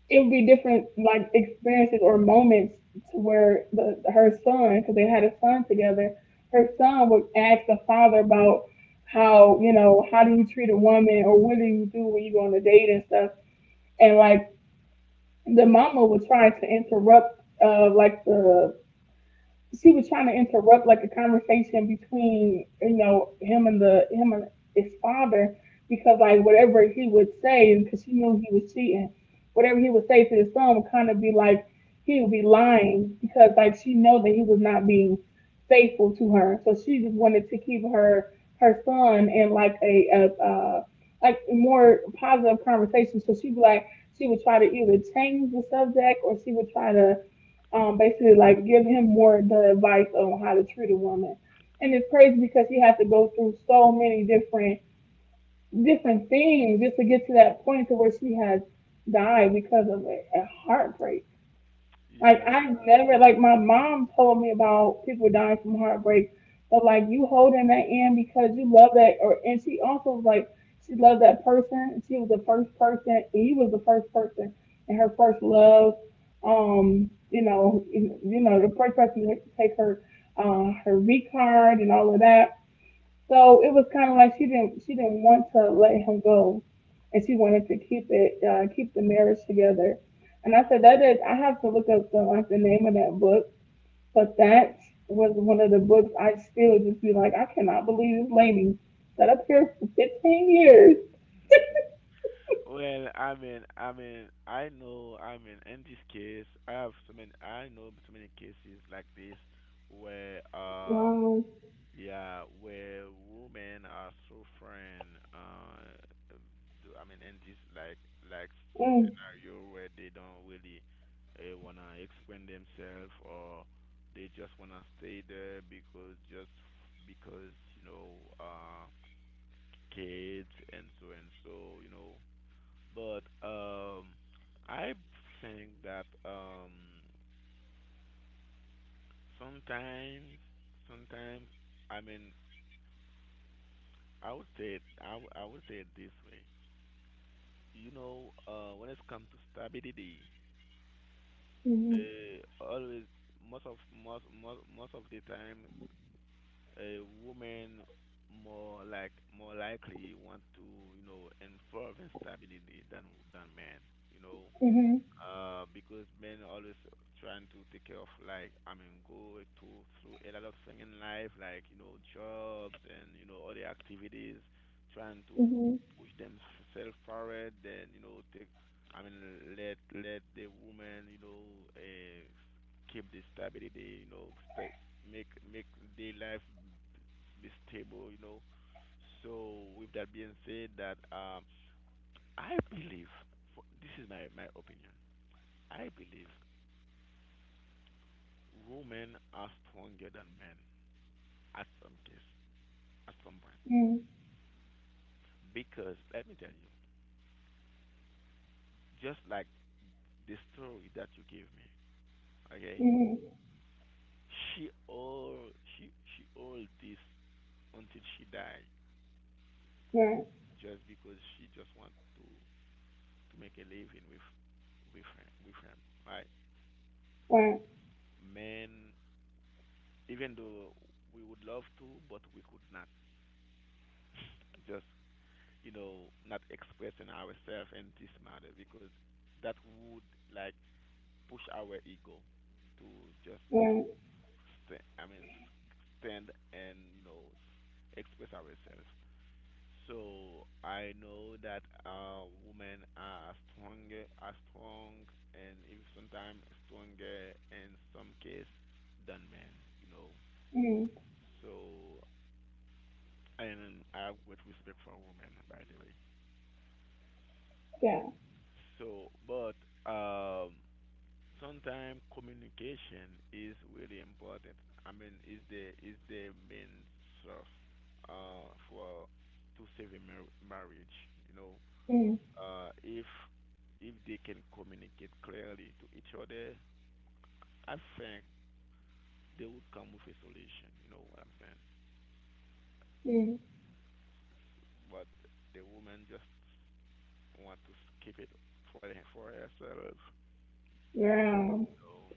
it would be different like experiences or moments to where the her son, because they had a son together, her son would ask the father about how, you know, how do you treat a woman or what do you do when you go on a date and stuff. And like the mama would try to interrupt uh like the she was trying to interrupt like a conversation between, you know, him and the him and his father, because like whatever he would say, because she knew he was cheating, whatever he would say to his son would kind of be like he would be lying, because like she know that he was not being faithful to her. So she just wanted to keep her her son in like a, a uh like more positive conversation, so she'd be like she would try to either change the subject, or she would try to um, basically like give him more the advice on how to treat a woman. And it's crazy because she has to go through so many different different things just to get to that point to where she has died because of a, a heartbreak. Like yeah. I never like my mom told me about people dying from heartbreak, but like you holding that in because you love that, or and she also was like she loved that person, and she was the first person and you was the first person and her first love. Um, you know, you know, the first person to take her uh her V card and all of that. So it was kind of like she didn't she didn't want to let him go, and she wanted to keep it uh, keep the marriage together. And I said that is, I have to look up the like the name of that book, but that was one of the books I still just be like, I cannot believe this lady sat up here for fifteen years. Mhm. Well, I mean, I mean, I know, I mean, in this case, I have so many, I know so many cases like this where, um, Wow. yeah, where women are suffering, uh, do- I mean, in this like like Mm, scenario where they don't really uh, wanna explain themselves, or they just wanna stay there because just because you know, uh, kids and so and so, you know. But um, I think that um, sometimes, sometimes, I mean, I would say it, I, w- I would say it this way. You know, uh, when it comes to stability, mm-hmm, uh, always most of most most most of the time, a woman more like more likely want to, you know, involve in stability than than men. You know, mm-hmm, uh, because men always trying to take care of like, I mean go to through a lot of things in life like, you know, jobs and, you know, other activities, trying to mm-hmm, push themselves forward. Then you know take, I mean, let let the woman, you know, uh, keep the stability, you know, st- make make their life be stable, you know. So with that being said, that um I believe for, this is my my opinion. I believe women are stronger than men at some case, at some point. mm, Because let me tell you, just like the story that you gave me, okay? mm-hmm. She all she she all this until she died Right, just because she just want to to make a living with with her, with him, right? right, Men, even though we would love to, but we could not just, you know, not expressing ourselves in this matter because that would like push our ego to just, you know, right. st- I mean s- stand and you know s- express ourselves. So I know that uh, women are stronger, are strong, and if sometimes stronger in some case than men. You know, Mm, so and I have great respect for women, by the way. yeah. So, but um, sometimes communication is really important. I mean, is the is the main source uh, for to save a mar- marriage. You know, Mm, uh, if if they can communicate clearly to each other, I think they would come with a solution. You know what I'm saying? mm, S- But the woman just want to keep it for the, for herself. Then yeah. you know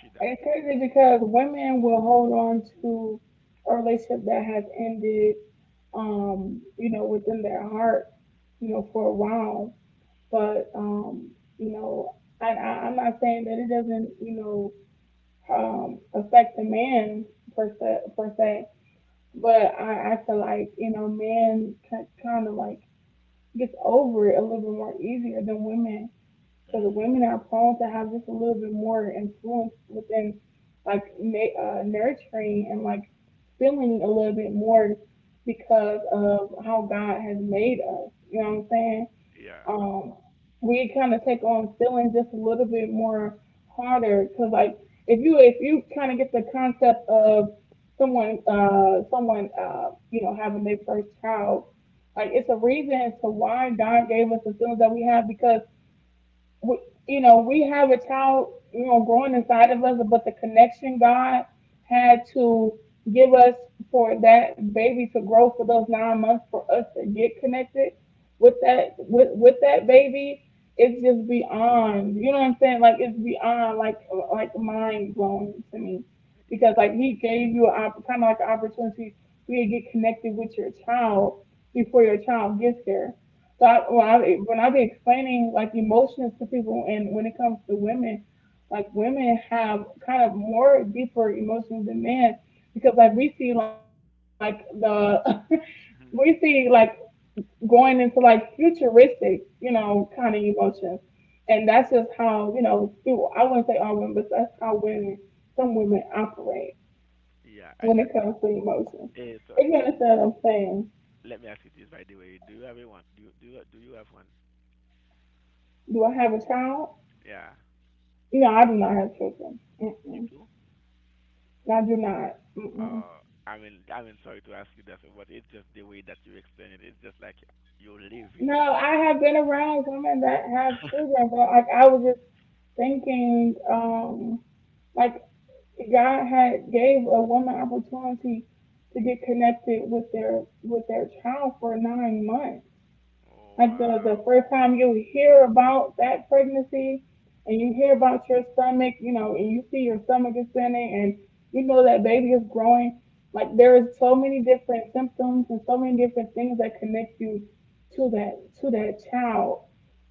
she died. It's crazy because women will hold on to a relationship that has ended, um, you know, within their heart, you know, for a while. But, um, you know, I, I, I'm not saying that it doesn't, you know, um, affect the man per se, per se. But I, I feel like, you know, men kind of like gets over it a little bit more easier than women because Mhm. women are prone to have just a little bit more influence within like uh, nurturing and like feeling a little bit more because of how God has made us. You know what I'm saying? Yeah, Um, we kind of take on feeling just a little bit more harder because like if you if you kind of get the concept of someone uh someone uh you know having their first child, like it's a reason as to why God gave us the feelings that we have because we, you know, we have a child, you know, growing inside of us, but the connection God had to give us for that baby to grow for those nine months for us to get connected with that with with that baby, it's just beyond, you know what I'm saying, like it's beyond like like mind blowing to me because like he gave you kind of like an opportunity for you to get connected with your child before your child gets there. So I, when I when I be explaining like emotions to people, and when it comes to women, like women have kind of more deeper emotions than men because like we see like the [laughs] we see yeah. like [laughs] going into like futuristic, you know, kind of emotions, and that's just how, you know, do I wouldn't say all women, but that's how women some women operate Yeah, I when got. it comes to emotions. eh, so s- If you understand what I'm saying, let me ask you this, by the way. Do you have a one? Do you do you, do you have one? do I have a child? Yeah, No, I do not have children. you Mm-mm. do. I do not. Mm-mm. Uh, I mean, I mean, sorry to ask you that, but it's just the way that you explain it. It's just like you live in. No, I have been around women that have children, but like I was just thinking, um, like God had gave a woman opportunity to get connected with their with their child for nine months. Oh Like the, wow. the first time you hear about that pregnancy and you hear about your stomach, you know, and you see your stomach ascending and you know that baby is growing. Like there is so many different symptoms and so many different things that connect you to that to that child.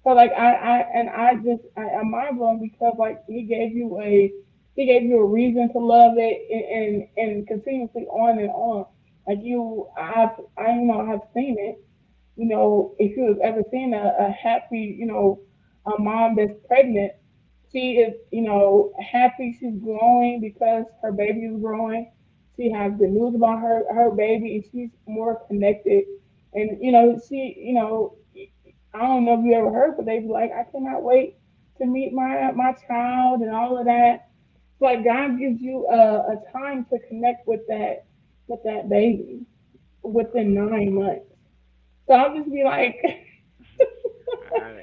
So like I, I and I just I, I'm mind blown because like he gave you a he gave you a reason to love it and and, and continuously on and on. Like you I've I you know I've seen it. You know, if you have ever seen a, a happy, you know, a mom that's pregnant, she is, you know, happy. She's growing because her baby is growing. She has good news about her her baby, and she's more connected. And you know, she, you know, I don't know if you ever heard, but they be like, I cannot wait to meet my my child and all of that. It's like God gives you a, a time to connect with that with that baby within nine months. So I'll just be like, [laughs] [laughs] I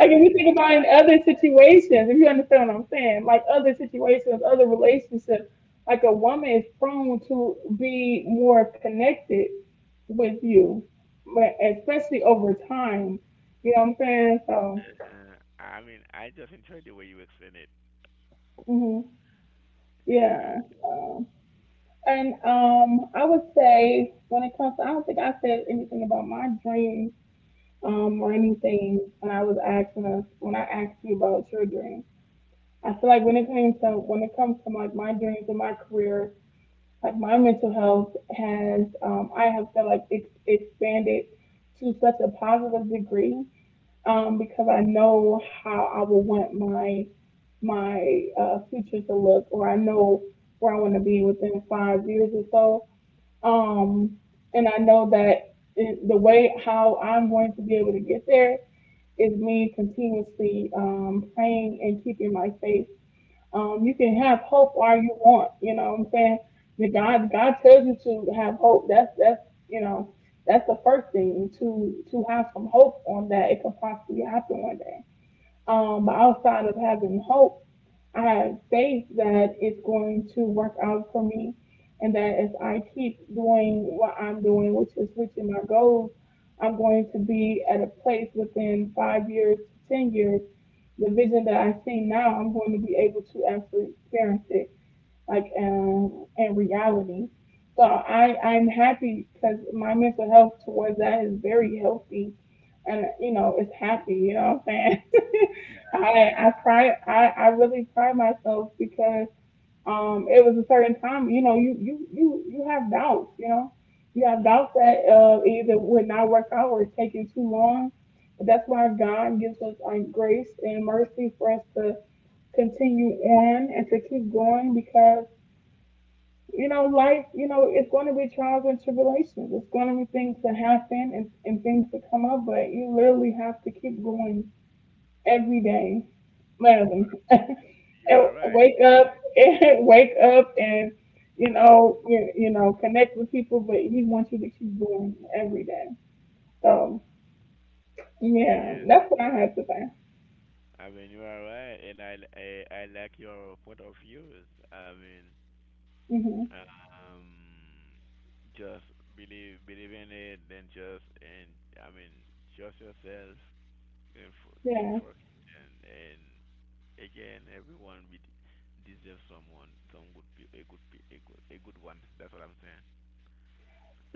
like if mean, you think about in other situations, if you understand what I'm saying, like other situations, other relationships, like a woman is prone to be more connected with you, but especially over time. You know what I'm saying? So, uh, I mean, I just enjoy the way you explain it. hmm, yeah. Yeah. Um, and um, I would say when it comes to, I don't think I said anything about my dreams um, or anything when I was asking us, when I asked you about your dream. I feel like when it comes to when it comes to like my dreams and my career, like my mental health has, um, I have felt like it's expanded to such a positive degree um, because I know how I would want my my uh, future to look, or I know where I want to be within five years or so. Um, and I know that it, the way how I'm going to be able to get there is me continuously um, praying and keeping my faith. Um, you can have hope all you want. You know what I'm saying? That God God tells you to have hope. That's that's you know that's the first thing to to have some hope on that it could possibly happen one day. Um, but outside of having hope, I have faith that it's going to work out for me, and that if I keep doing what I'm doing, which is reaching my goals, I'm going to be at a place within five years to ten years. The vision that I see now, I'm going to be able to actually experience it like, um, in reality. So I I'm happy because my mental health towards that is very healthy, and you know it's happy. You know what I'm saying? [laughs] Uh, I I pride I I really pride myself because um, it was a certain time, you know, you you you you have doubts, you know, you mhm. have doubts that uh, either would not work out or it's taking too long. But that's why God gives us um, grace and mercy for us to continue on and to keep going because you know life, you know, it's going to be trials and tribulations. It's going to be things to happen and, and things to come up, but you literally have to keep going every day, You are literally. [laughs] you are and right. wake up [laughs] and wake up and you know you, you know connect with people, but he wants you to keep doing it every day. So Yeah. yeah, that's what I have to say. I mean, you are right, and I I, I like your point of views. I mean, Hmm. um, just believe believe in it. Then just and I mean, trust yourself and for, keep Yeah. working. And, and again, everyone be, deserves someone, some good, pe- a good, pe- a good, a good one. That's what I'm saying.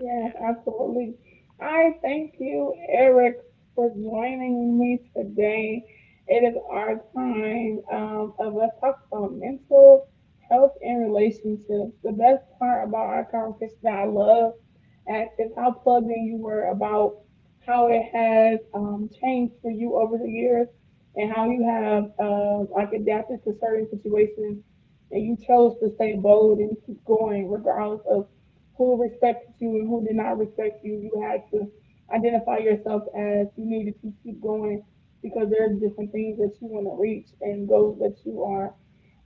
Yeah, absolutely. I thank you, Eric, for joining me today. It is our time um, of let's talk about mental health and relationships. The best part about our conversation that I love and is how plugged in you were about how it has um, changed for you over the years and how you have uh, like adapted to certain situations and you chose to stay bold and keep going regardless of who respected you and who did not respect you. You had to identify yourself as you needed to keep going because there are different things that you want to reach and goals that you are,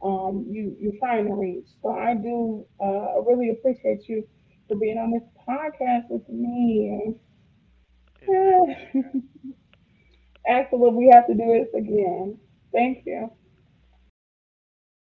um, you you're trying to reach. So I do uh, really appreciate you for being on this podcast with me. it's my plan. [laughs] Axel, if we have to do this again, thank you. [laughs] you